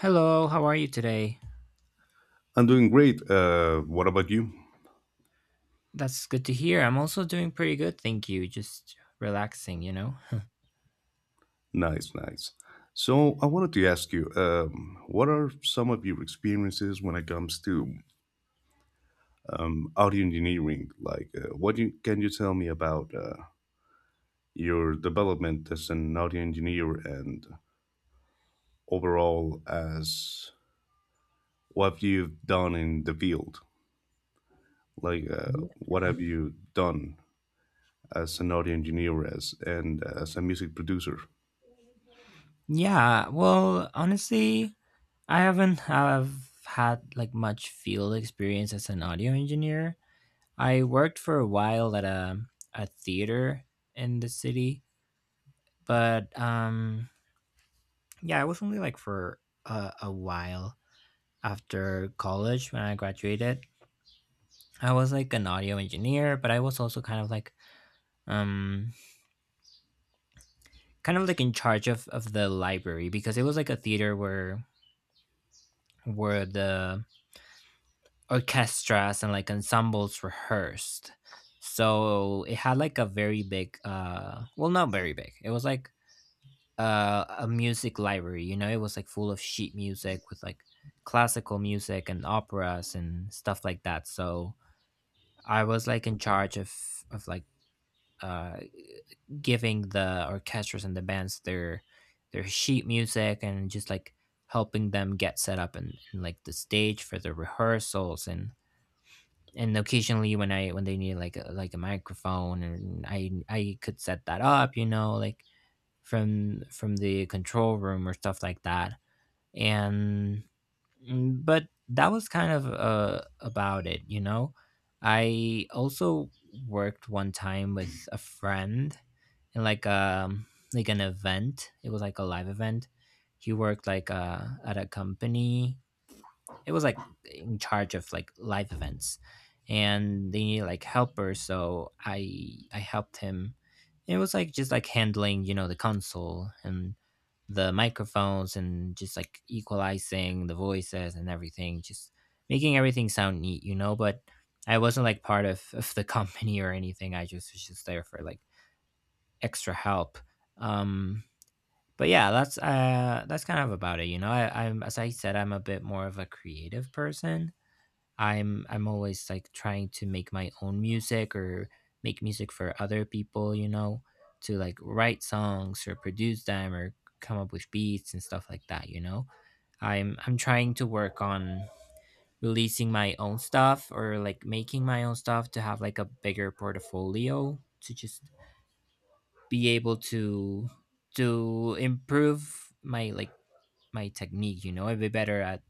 Hello, how are you today? I'm doing great. What about you? That's good to hear. I'm also doing pretty good, thank you. Just relaxing, you know? Nice, nice. So I wanted to ask you, what are some of your experiences when it comes to audio engineering? Like, can you tell me about your development as an audio engineer and overall as what you've done in the field? Like, Yeah. what have you done as an audio engineer as and as a music producer? Honestly, I haven't have had like much field experience as an audio engineer. I worked for a while at a theater in the city, but yeah, it was only like for a while after college when I graduated. I was like an audio engineer, but I was also um kind of like in charge of the library because it was like a theater where the orchestras and like ensembles rehearsed, so it had like a very big, well, not very big. It was like a music library, you know. It was like full of sheet music with like classical music and operas and stuff like that. So I was like in charge of like uh giving the orchestras and the bands their sheet music and just like helping them get set up, and like the stage for the rehearsals. And occasionally when they need like like a microphone, and I could set that up, you know, like from the control room or stuff like that. And but that was kind of about it, you know. I also worked one time with a friend in like an event. It was like a live event. He worked like at a company. It was like in charge of like live events, and they needed like helpers. So I helped him. It was like just like handling, you know, the console and the microphones, and just like equalizing the voices and everything, just making everything sound neat, you know. But I wasn't like part of, the company or anything. I just was just there for like extra help. Um, but yeah, that's kind of about it. You know, I'm, as I said, I'm a bit more of a creative person. I'm always like trying to make my own music or make music for other people. You know, to like write songs or produce them or come up with beats and stuff like that. You know, I'm trying to work on releasing my own stuff or like making my own stuff to have like a bigger portfolio to just be able to improve my like my technique, you know. I'd be better at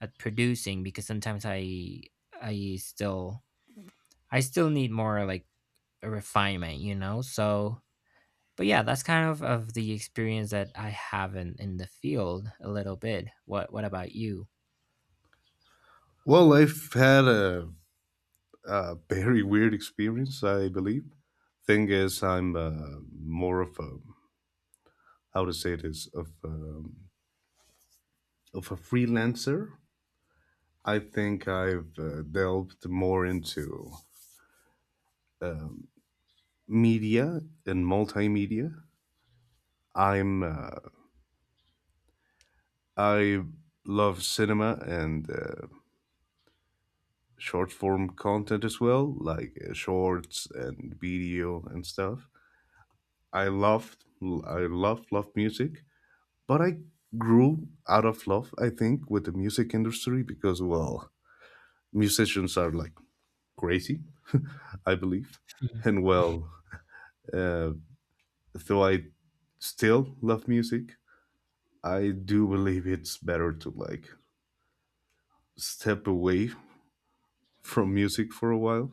producing because sometimes i still I still need more like a refinement, you know. So but yeah, that's kind of the experience that I have in the field a little bit. What about you? Well, I've had a very weird experience, I believe. Thing is, I'm more of a how to say it is of a freelancer. I think I've delved more into um, media and multimedia. I'm uh, I love cinema and short form content as well, like shorts and video and stuff. I love love music. But I grew out of love, I think, with the music industry because, well, musicians are like crazy, I believe. Mhm. And, well, uh, though I still love music, I do believe it's better to like step away from music for a while.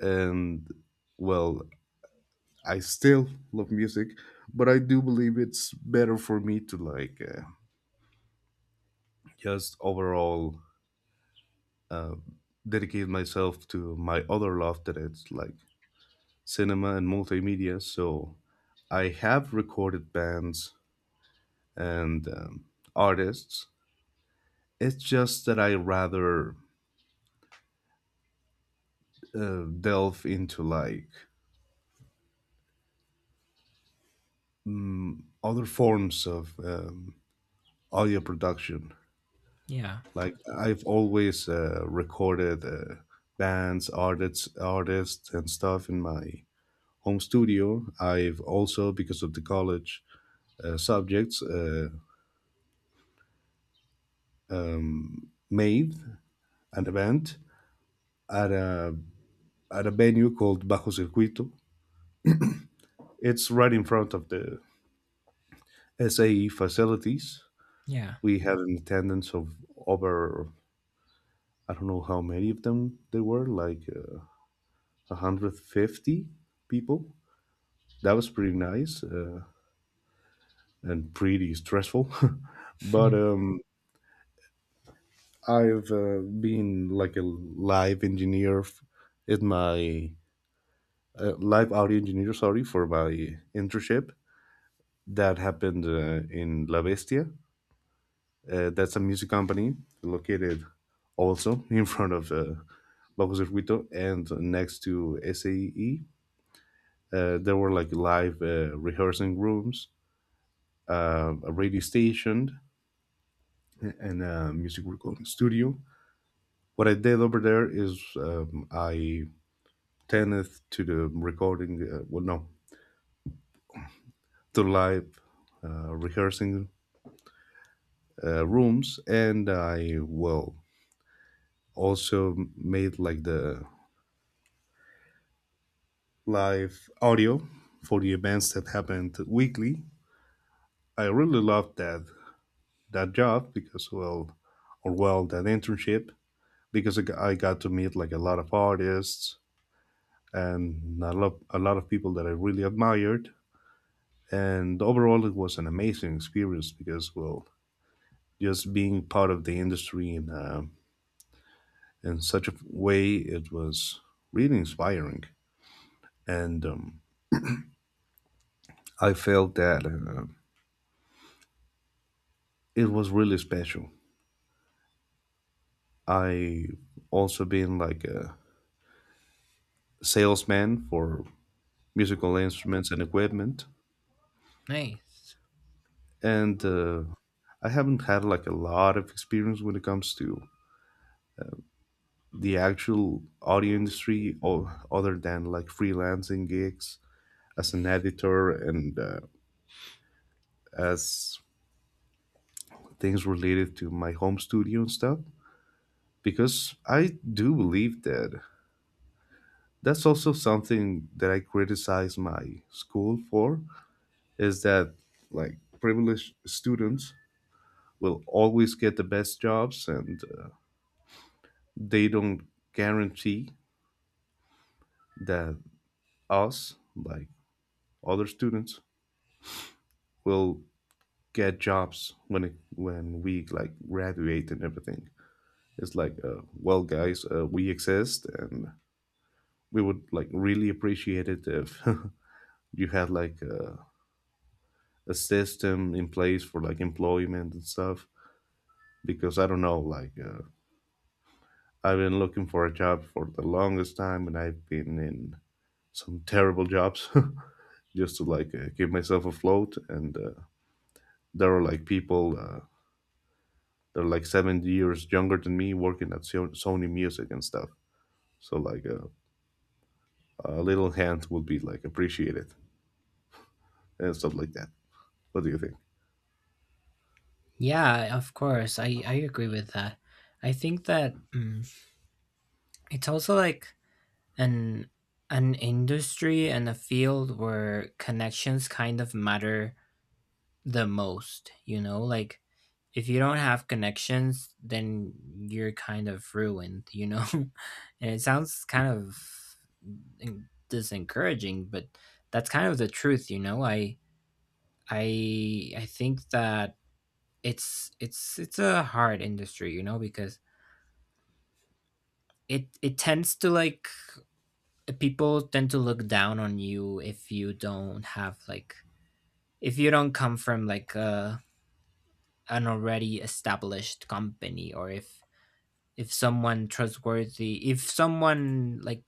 And, well, I still love music, but I do believe it's better for me to like just overall uh, dedicate myself to my other love that it's like cinema and multimedia. So I have recorded bands and artists. It's just that I rather delve into like other forms of audio production. Yeah, Like I've always recorded bands, artists, and stuff in my home studio. I've also, because of the college subjects, made an event at a at a venue called Bajo Circuito. It's right in front of the SAE facilities. yeah. We had an attendance of over, I don't know how many of them there were, like 150 people. That was pretty nice and pretty stressful. But Mhm. I've been like a live engineer at my live audio engineer, sorry, for my internship that happened in La Bestia. That's a music company located also in front of Bajo Circuito and next to SAE. There were like live rehearsing rooms, a radio station, and a music recording studio. What I did over there is I tended to the recording, well, no, to live rehearsing rooms, and I well also made like the live audio for the events that happened weekly. I really loved that job because well, or well, that internship because I got to meet like a lot of artists and a lot of people that I really admired. And overall, it was an amazing experience because well, just being part of the industry in such a way, it was really inspiring, and I felt that it was really special. I also been like a salesman for musical instruments and equipment, Nice. and I haven't had like a lot of experience when it comes to the actual audio industry, or other than like freelancing gigs as an editor and as things related to my home studio and stuff. Because I do believe that that's also something that I criticize my school for is that like privileged students will always get the best jobs and they don't guarantee that us like other students will get jobs when when we like graduate and everything. It's like well guys we exist and we would like really appreciate it if you had like a system in place for like employment and stuff because I don't know like I've been looking for a job for the longest time, and I've been in some terrible jobs just to like keep myself afloat. And there are like people, they're like 7 years younger than me, working at Sony Music and stuff. So like a little hand would be like appreciated and stuff like that. What do you think? Yeah, of course. I agree with that. I think that, it's also like an an industry and a field where connections kind of matter the most, you know. Like if you don't have connections, then you're kind of ruined, you know. And it sounds kind of disencouraging, but that's kind of the truth, you know. I think that it's it's a hard industry, you know, because it tends to like, people tend to look down on you if you don't have like, if you don't come from like an already established company, or if someone trustworthy, if someone, like,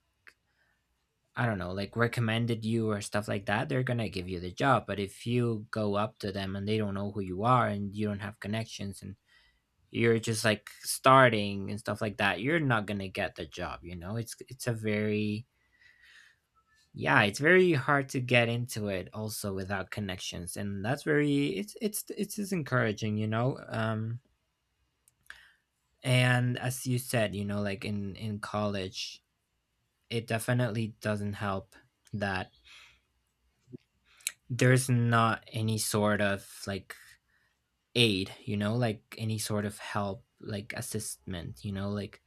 I don't know, like recommended you or stuff like that, they're gonna give you the job. But if you go up to them and they don't know who you are and you don't have connections and you're just like starting and stuff like that, you're not gonna get the job, you know. It's a very, yeah, it's very hard to get into it also without connections, and that's very, it's it's just encouraging, you know. And as you said, you know, like in college, it definitely doesn't help that there's not any sort of like aid, you know, like any sort of help, like assistment, you know. Like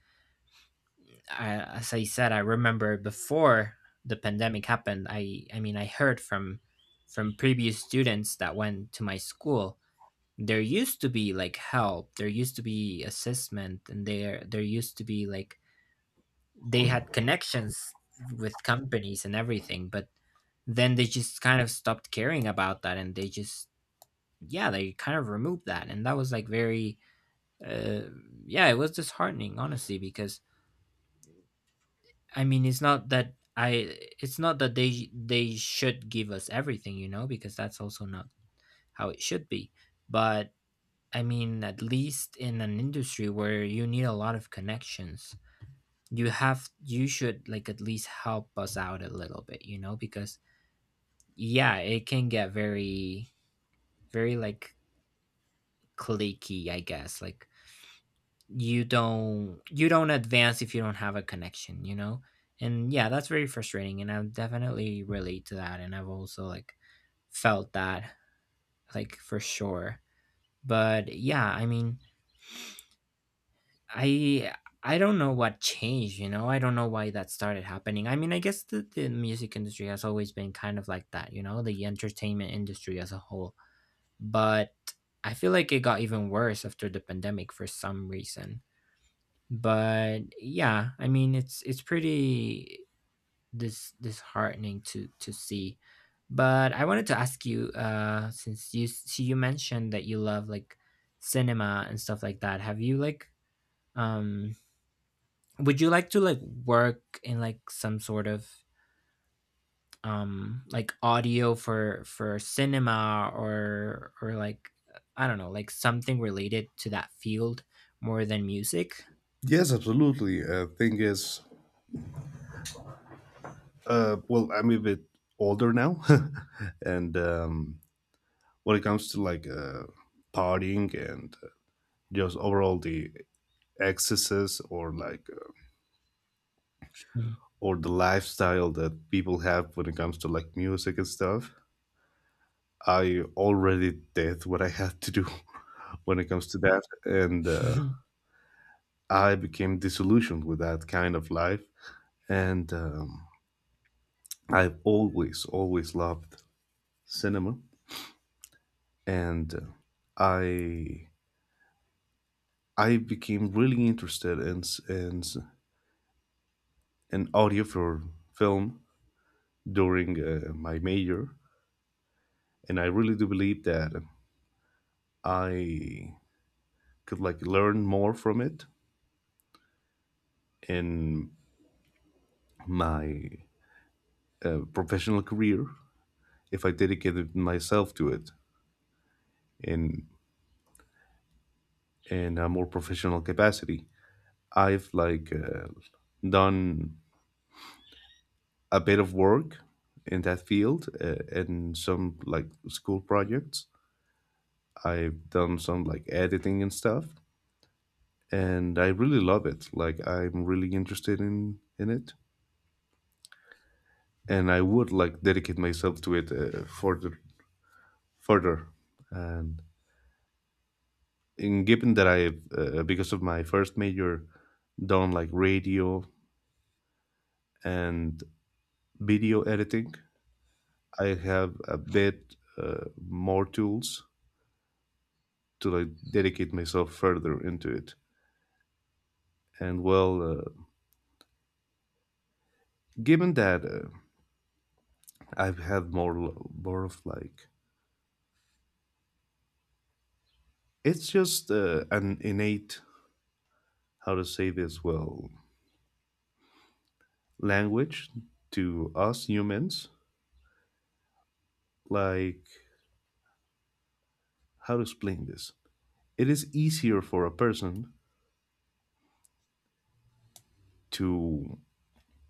I, as I said, I remember before the pandemic happened, I mean, I heard from previous students that went to my school, there used to be like help, there used to be assessment, and there used to be like, they had connections with companies and everything. But then they just kind of stopped caring about that, and they just, yeah, they kind of removed that, and that was like very, uh yeah, it was disheartening, honestly, because I mean, it's not that I it's not that they should give us everything, you know, because that's also not how it should be. But I mean, at least in an industry where you need a lot of connections, you should like at least help us out a little bit, you know, because yeah, it can get very, like cliquey, I guess. Like you don't, you don't advance if you don't have a connection, you know? And yeah, that's very frustrating, and I definitely relate to that, and I've also like felt that like for sure. But yeah, I mean, I I don't know what changed, you know. I don't know why that started happening. I mean, I guess the music industry has always been kind of like that, you know, the entertainment industry as a whole. But I feel like it got even worse after the pandemic for some reason. But yeah, I mean, it's pretty disheartening to see. But I wanted to ask you, since you so you mentioned that you love like cinema and stuff like that, have you like um would you like to like work in like some sort of like audio for cinema, or like I don't know, like something related to that field more than music? Yes, absolutely. Thing is, well, I'm a bit older now, and when it comes to like partying and just overall the excesses or like Mm. or the lifestyle that people have when it comes to like music and stuff. I already did what I had to do when it comes to that and I became disillusioned with that kind of life and I've always always loved cinema and I I became really interested in in audio for film during my major, and I really do believe that I could like learn more from it in my professional career if I dedicated myself to it in a more professional capacity. I've like done a bit of work in that field in some like school projects. I've done some like editing and stuff, and I really love it. Like I'm really interested in it, and I would like dedicate myself to it for the further. And in given that I, because of my first major, done like radio and video editing, I have a bit more tools to like dedicate myself further into it. And well, given that I've had more more of like it's just an innate how to say this well language to us humans like how to explain this, it is easier for a person to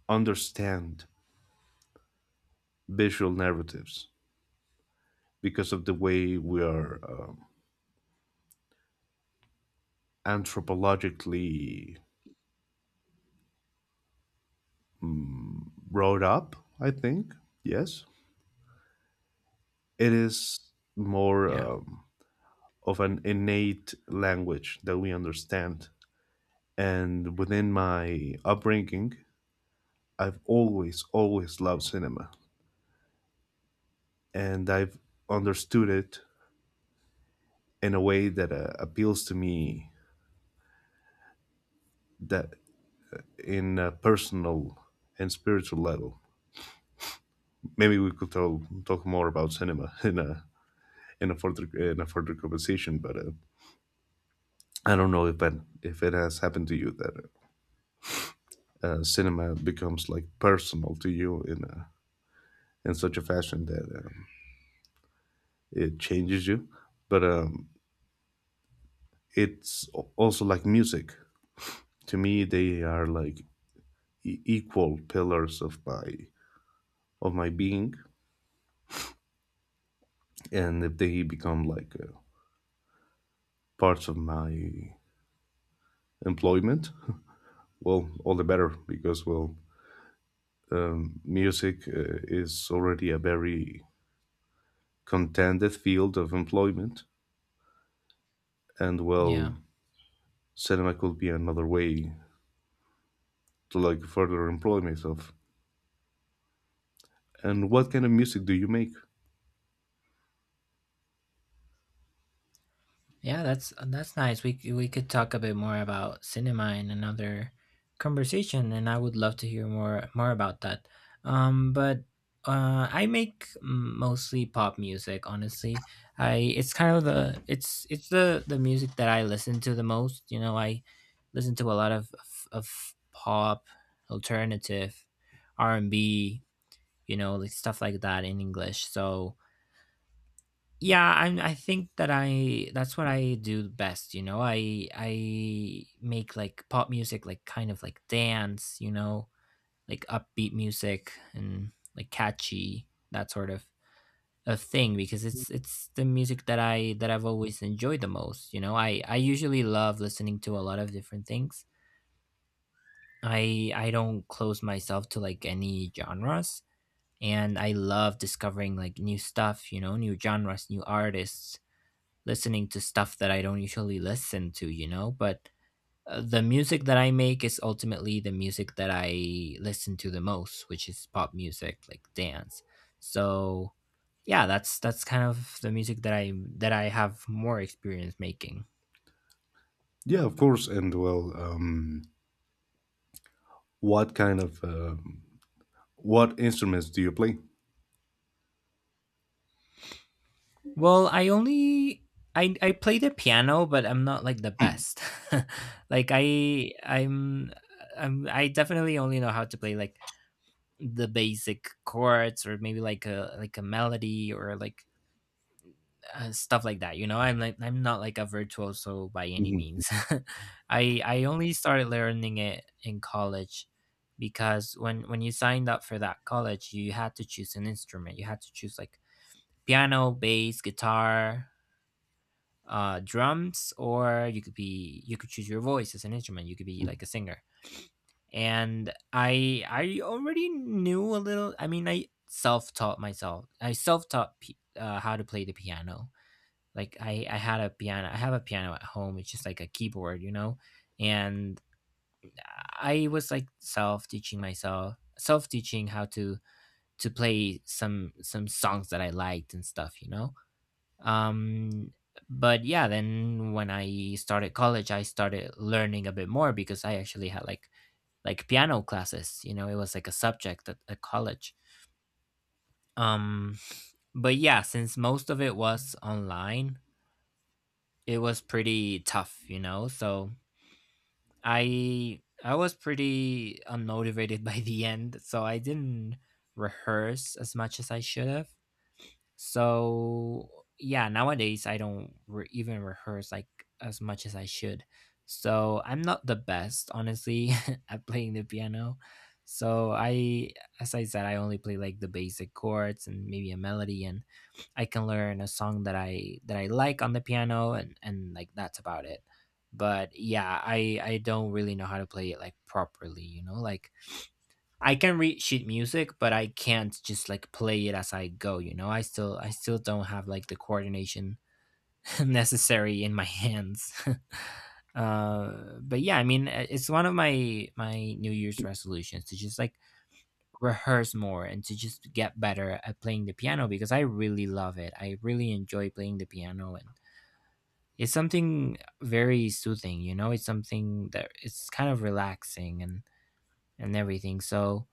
understand visual narratives because of the way we are anthropologically brought up, I think. Yes. It is more Yeah. Of an innate language that we understand. And within my upbringing, I've always, always loved cinema. And I've understood it in a way that appeals to me that in a personal and spiritual level. Maybe we could talk more about cinema in a further conversation. But I don't know if that if it has happened to you that cinema becomes like personal to you in in such a fashion that it changes you. But it's also like music. To me, they are like equal pillars of my being, and if they become like parts of my employment, well, all the better because well, music is already a very contended field of employment, and Yeah. well, cinema could be another way to like further employ myself. And what kind of music do you make? Yeah, that's nice. We could talk a bit more about cinema in another conversation, and I would love to hear more about that. But I make mostly pop music. Honestly, I it's kind of the, it's the music that I listen to the most. You know, I listen to a lot of of pop, alternative, R and B. You know, like stuff like that in English. So yeah, I think that I that's what I do best, you know. I make like pop music, like kind of like dance, you know, like upbeat music and like catchy, that sort of a thing, because it's the music that I that I've always enjoyed the most, you know. I usually love listening to a lot of different things. I don't close myself to like any genres, and I love discovering like new stuff, you know, new genres, new artists, listening to stuff that I don't usually listen to, you know? But the music that I make is ultimately the music that I listen to the most, which is pop music, like dance. So yeah, that's kind of the music that I have more experience making. Yeah, of course. And well, what kind of what instruments do you play? Well, I play the piano, but I'm not like the best. Like I'm I definitely only know how to play like the basic chords, or maybe like a, like a melody, or like stuff like that, you know. I'm like, I'm not like a virtuoso by any Hmm. means. I only started learning it in college, because when you signed up for that college, you had to choose an instrument. You had to choose like piano, bass, guitar, drums, or you could be you could choose your voice as an instrument, you could be like a singer. And I already knew a little. I mean, I self-taught how to play the piano. Like I had a piano. I have a piano at home. It's just like a keyboard, you know. And I was like self teaching myself, self teaching how to play some songs that I liked and stuff, you know. Um but yeah, then when I started college, I started learning a bit more, because I actually had like piano classes, you know. It was like a subject at college. Um but yeah, since most of it was online, it was pretty tough, you know. So I was pretty unmotivated by the end, so I didn't rehearse as much as I should have. So yeah, nowadays I don't even rehearse like as much as I should. So I'm not the best, honestly, at playing the piano. So as I said, I only play like the basic chords and maybe a melody, and I can learn a song that I like on the piano, and like that's about it. But yeah, I don't really know how to play it like properly, you know? Like I can read sheet music, but I can't just like play it as I go, you know? I still don't have like the coordination necessary in my hands. But yeah, I mean, it's one of my New Year's resolutions to just like rehearse more and to just get better at playing the piano because I really love it. I really enjoy playing the piano, and it's something very soothing, you know? It's something that it's kind of relaxing and everything. So,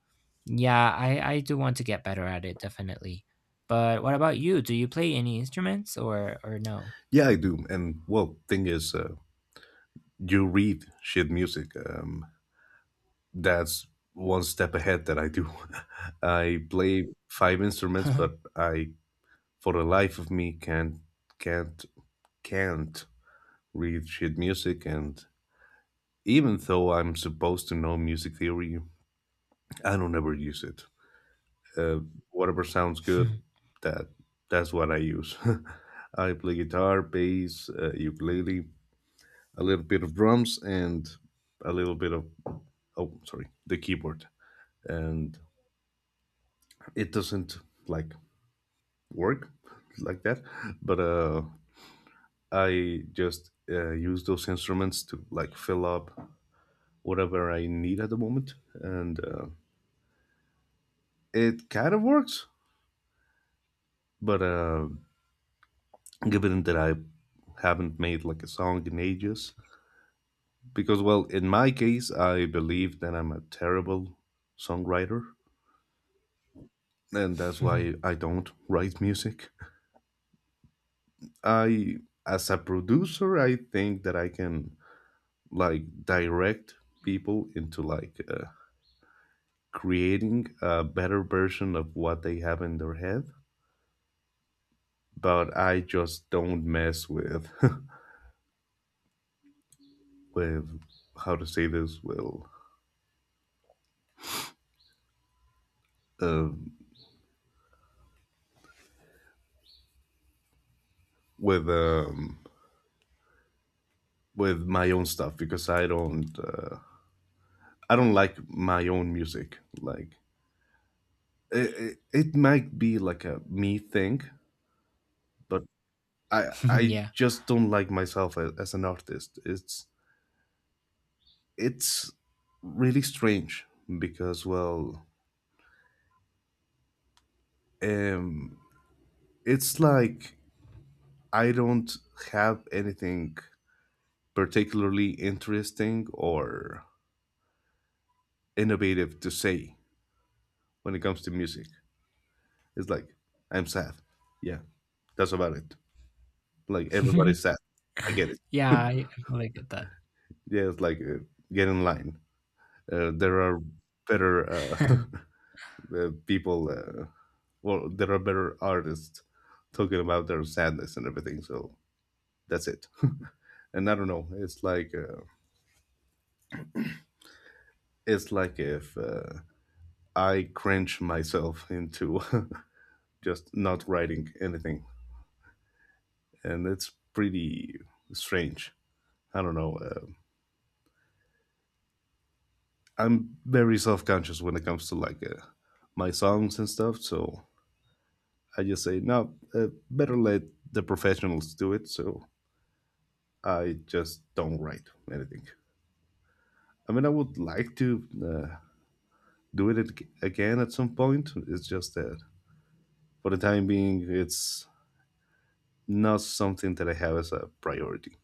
yeah, I do want to get better at it definitely. But what about you? Do you play any instruments or no? Yeah, I do. And well, thing is, you read sheet music. That's one step ahead that I do. I play five instruments, but I, for the life of me, can't can't can't read sheet music. And even though I'm supposed to know music theory, I don't ever use it. Uh, Whatever sounds good, that that's what I use. I play guitar, bass, ukulele, a little bit of drums, and a little bit of oh, sorry, the keyboard. And it doesn't like work like that, but I just use those instruments to like fill up whatever I need at the moment and it kind of works. But given that I haven't made like a song in ages because well in my case I believe that I'm a terrible songwriter and that's why I don't write music. I As a producer I think that I can like direct people into like creating a better version of what they have in their head, but I just don't mess with with how to say this well, uh, with um with my own stuff because I don't like my own music. Like it might be like a me thing, but I Yeah. just don't like myself as an artist. It's really strange because well um it's like I don't have anything particularly interesting or innovative to say when it comes to music. It's like, I'm sad. Yeah, that's about it. Like, everybody's sad. I get it. Yeah, I fully get that. Yeah, it's like, get in line. There are better people, well, there are better artists talking about their sadness and everything. So that's it. And I don't know. It's like if I cringe myself into just not writing anything. And it's pretty strange. I don't know. I'm very self conscious when it comes to like my songs and stuff. So I just say, no, better let the professionals do it. So I just don't write anything. I mean, I would like to do it again at some point. It's just that for the time being, it's not something that I have as a priority.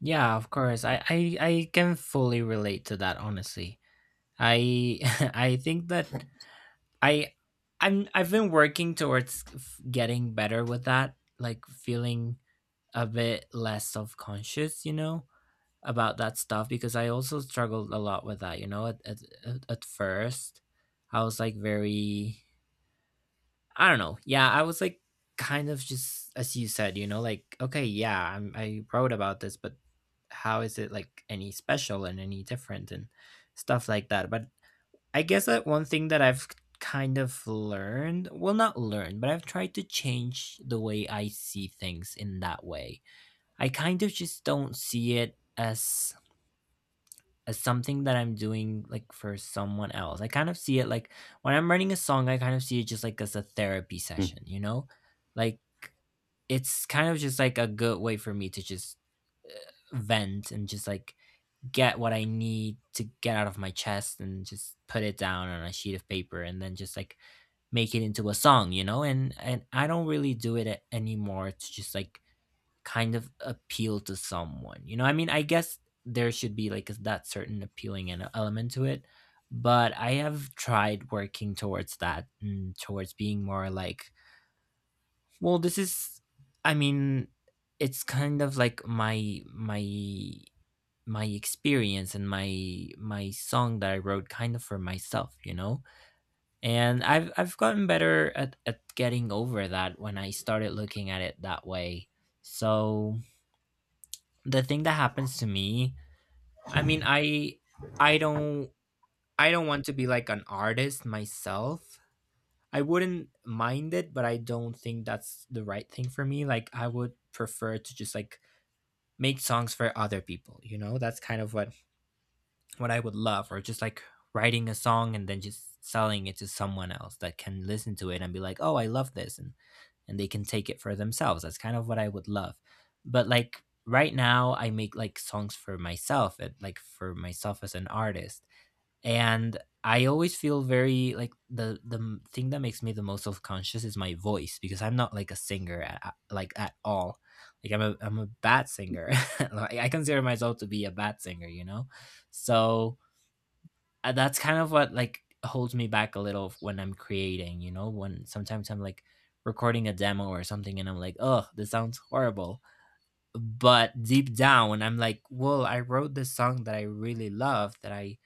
Yeah, of course. I can fully relate to that honestly. I I think that I I've been working towards getting better with that, like feeling a bit less self-conscious, you know, about that stuff because I also struggled a lot with that, you know, at first. I was like very I don't know. Yeah, I was like kind of just as you said, you know, like okay, yeah, I wrote about this, but how is it like any special and any different and stuff like that. But I guess that one thing that I've kind of learned, well, not learned, but I've tried to change the way I see things in that way. I kind of just don't see it as something that I'm doing like for someone else. I kind of see it like when I'm writing a song, I kind of see it just like as a therapy Hmm. session, you know? Like it's kind of just like a good way for me to just uh, vent and just like get what I need to get out of my chest and just put it down on a sheet of paper and then just like make it into a song, you know? And I don't really do it anymore to just like kind of appeal to someone, you know? I mean, I guess there should be like that certain appealing and element to it, but I have tried working towards that and towards being more like, well, this is, I mean, it's kind of like my experience and my song that I wrote kind of for myself, you know? And I've gotten better at getting over that when I started looking at it that way. So the thing that happens to me, I mean, I I don't I don't want to be like an artist myself. I wouldn't mind it, but I don't think that's the right thing for me. Like I would prefer to just like make songs for other people, you know? That's kind of what I would love, or just like writing a song and then just selling it to someone else that can listen to it and be like, "Oh, I love this," and they can take it for themselves. That's kind of what I would love. But like right now, I make like songs for myself, and like for myself as an artist, and I always feel very like the thing that makes me the most self conscious is my voice because I'm not like a singer like at all. Like I'm a bad singer. Like, I consider myself to be a bad singer, you know. So that's kind of what like holds me back a little when I'm creating, you know, when sometimes I'm like recording a demo or something and I'm like, oh, this sounds horrible. But deep down, I'm like, well, I wrote this song that I really love, that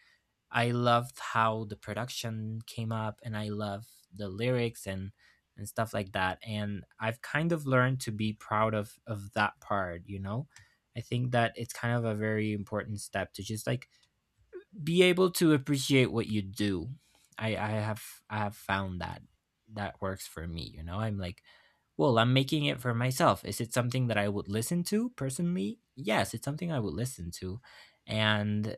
I loved how the production came up, and I love the lyrics and stuff like that. And I've kind of learned to be proud of that part, you know? I think that it's kind of a very important step to just like be able to appreciate what you do. I I have I have found that that works for me. You know, I'm like, well, I'm making it for myself. Is it something that I would listen to personally? Yes, it's something I would listen to, and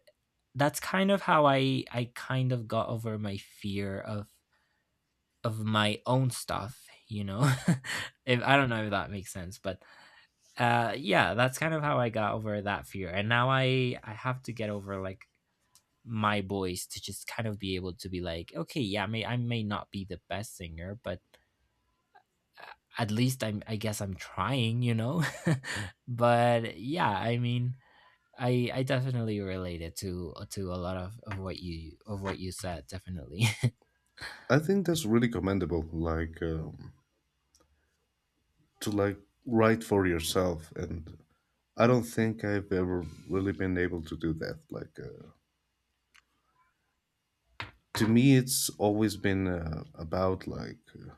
that's kind of how I kind of got over my fear of my own stuff. You know, if I don't know if that makes sense, but yeah, that's kind of how I got over that fear, and now I have to get over like my voice to just kind of be able to be like, okay, yeah, may I may not be the best singer, but uh, at least I guess I'm trying, you know. But yeah, I mean, I definitely related to a lot of what you said, definitely. I think that's really commendable, like to like write for yourself. And I don't think I've ever really been able to do that. Like to me, it's always been about like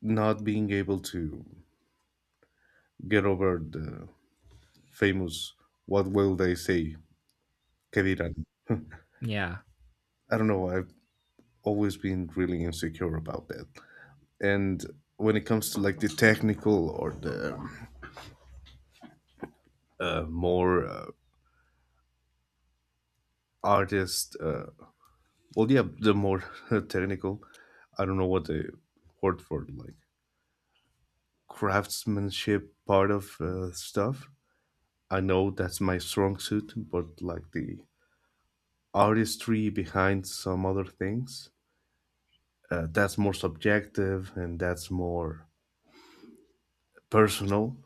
not being able to get over the famous "What will they say?" ¿Qué dirán? Yeah. I don't know. I've always been really insecure about that. And when it comes to like the technical or the more artist, well yeah, the more technical, I don't know what the word for like craftsmanship part of stuff, I know that's my strong suit, but like the artistry behind some other things, that's more subjective and that's more personal,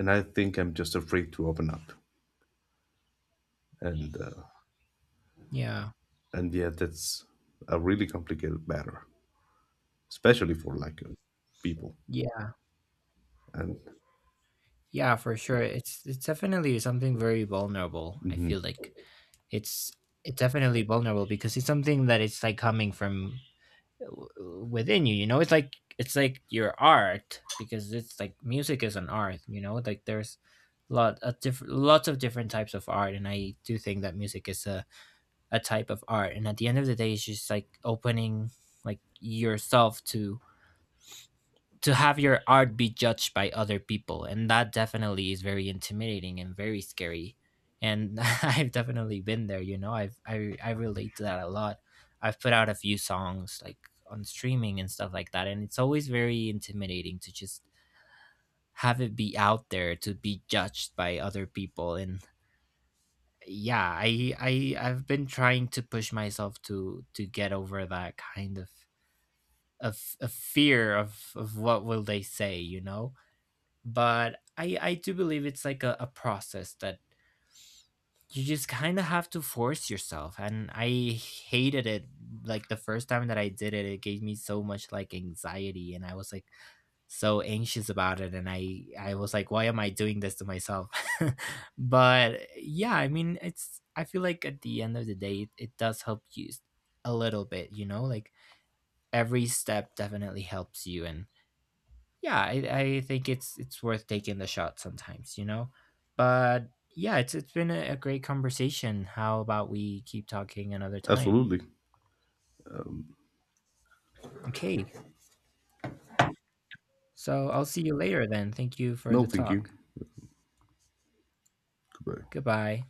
and I think I'm just afraid to open up, and uh, Yeah. and yeah, that's a really complicated matter, especially for like people. Yeah. And Yeah, for sure. It's definitely something very vulnerable. I feel like it's it's definitely vulnerable because it's something that it's like coming from within you, you know? It's like your art, because it's like music is an art, you know? Like there's lots of different types of art, and I do think that music is a type of art, and at the end of the day it's just like opening like yourself to have your art be judged by other people, and that definitely is very intimidating and very scary, and I've definitely been there, you know. I relate to that a lot. I've put out a few songs like on streaming and stuff like that, and it's always very intimidating to just have it be out there to be judged by other people. And yeah, I've been trying to push myself to get over that kind of of fear of what will they say, you know? But I do believe it's like a process that you just kind of have to force yourself, and I hated it. Like the first time that I did it, it gave me so much like anxiety, and I was like so anxious about it, and I was like, why am I doing this to myself? But yeah, I mean, it's I feel like at the end of the day it does help you a little bit, you know? Like every step definitely helps you. And yeah, I think it's worth taking the shot sometimes, you know? But yeah, it's been a great conversation. How about we keep talking another time? absolutely. Okay. So I'll see you later then. Thank you for No, the thank you. talk. Goodbye. Goodbye.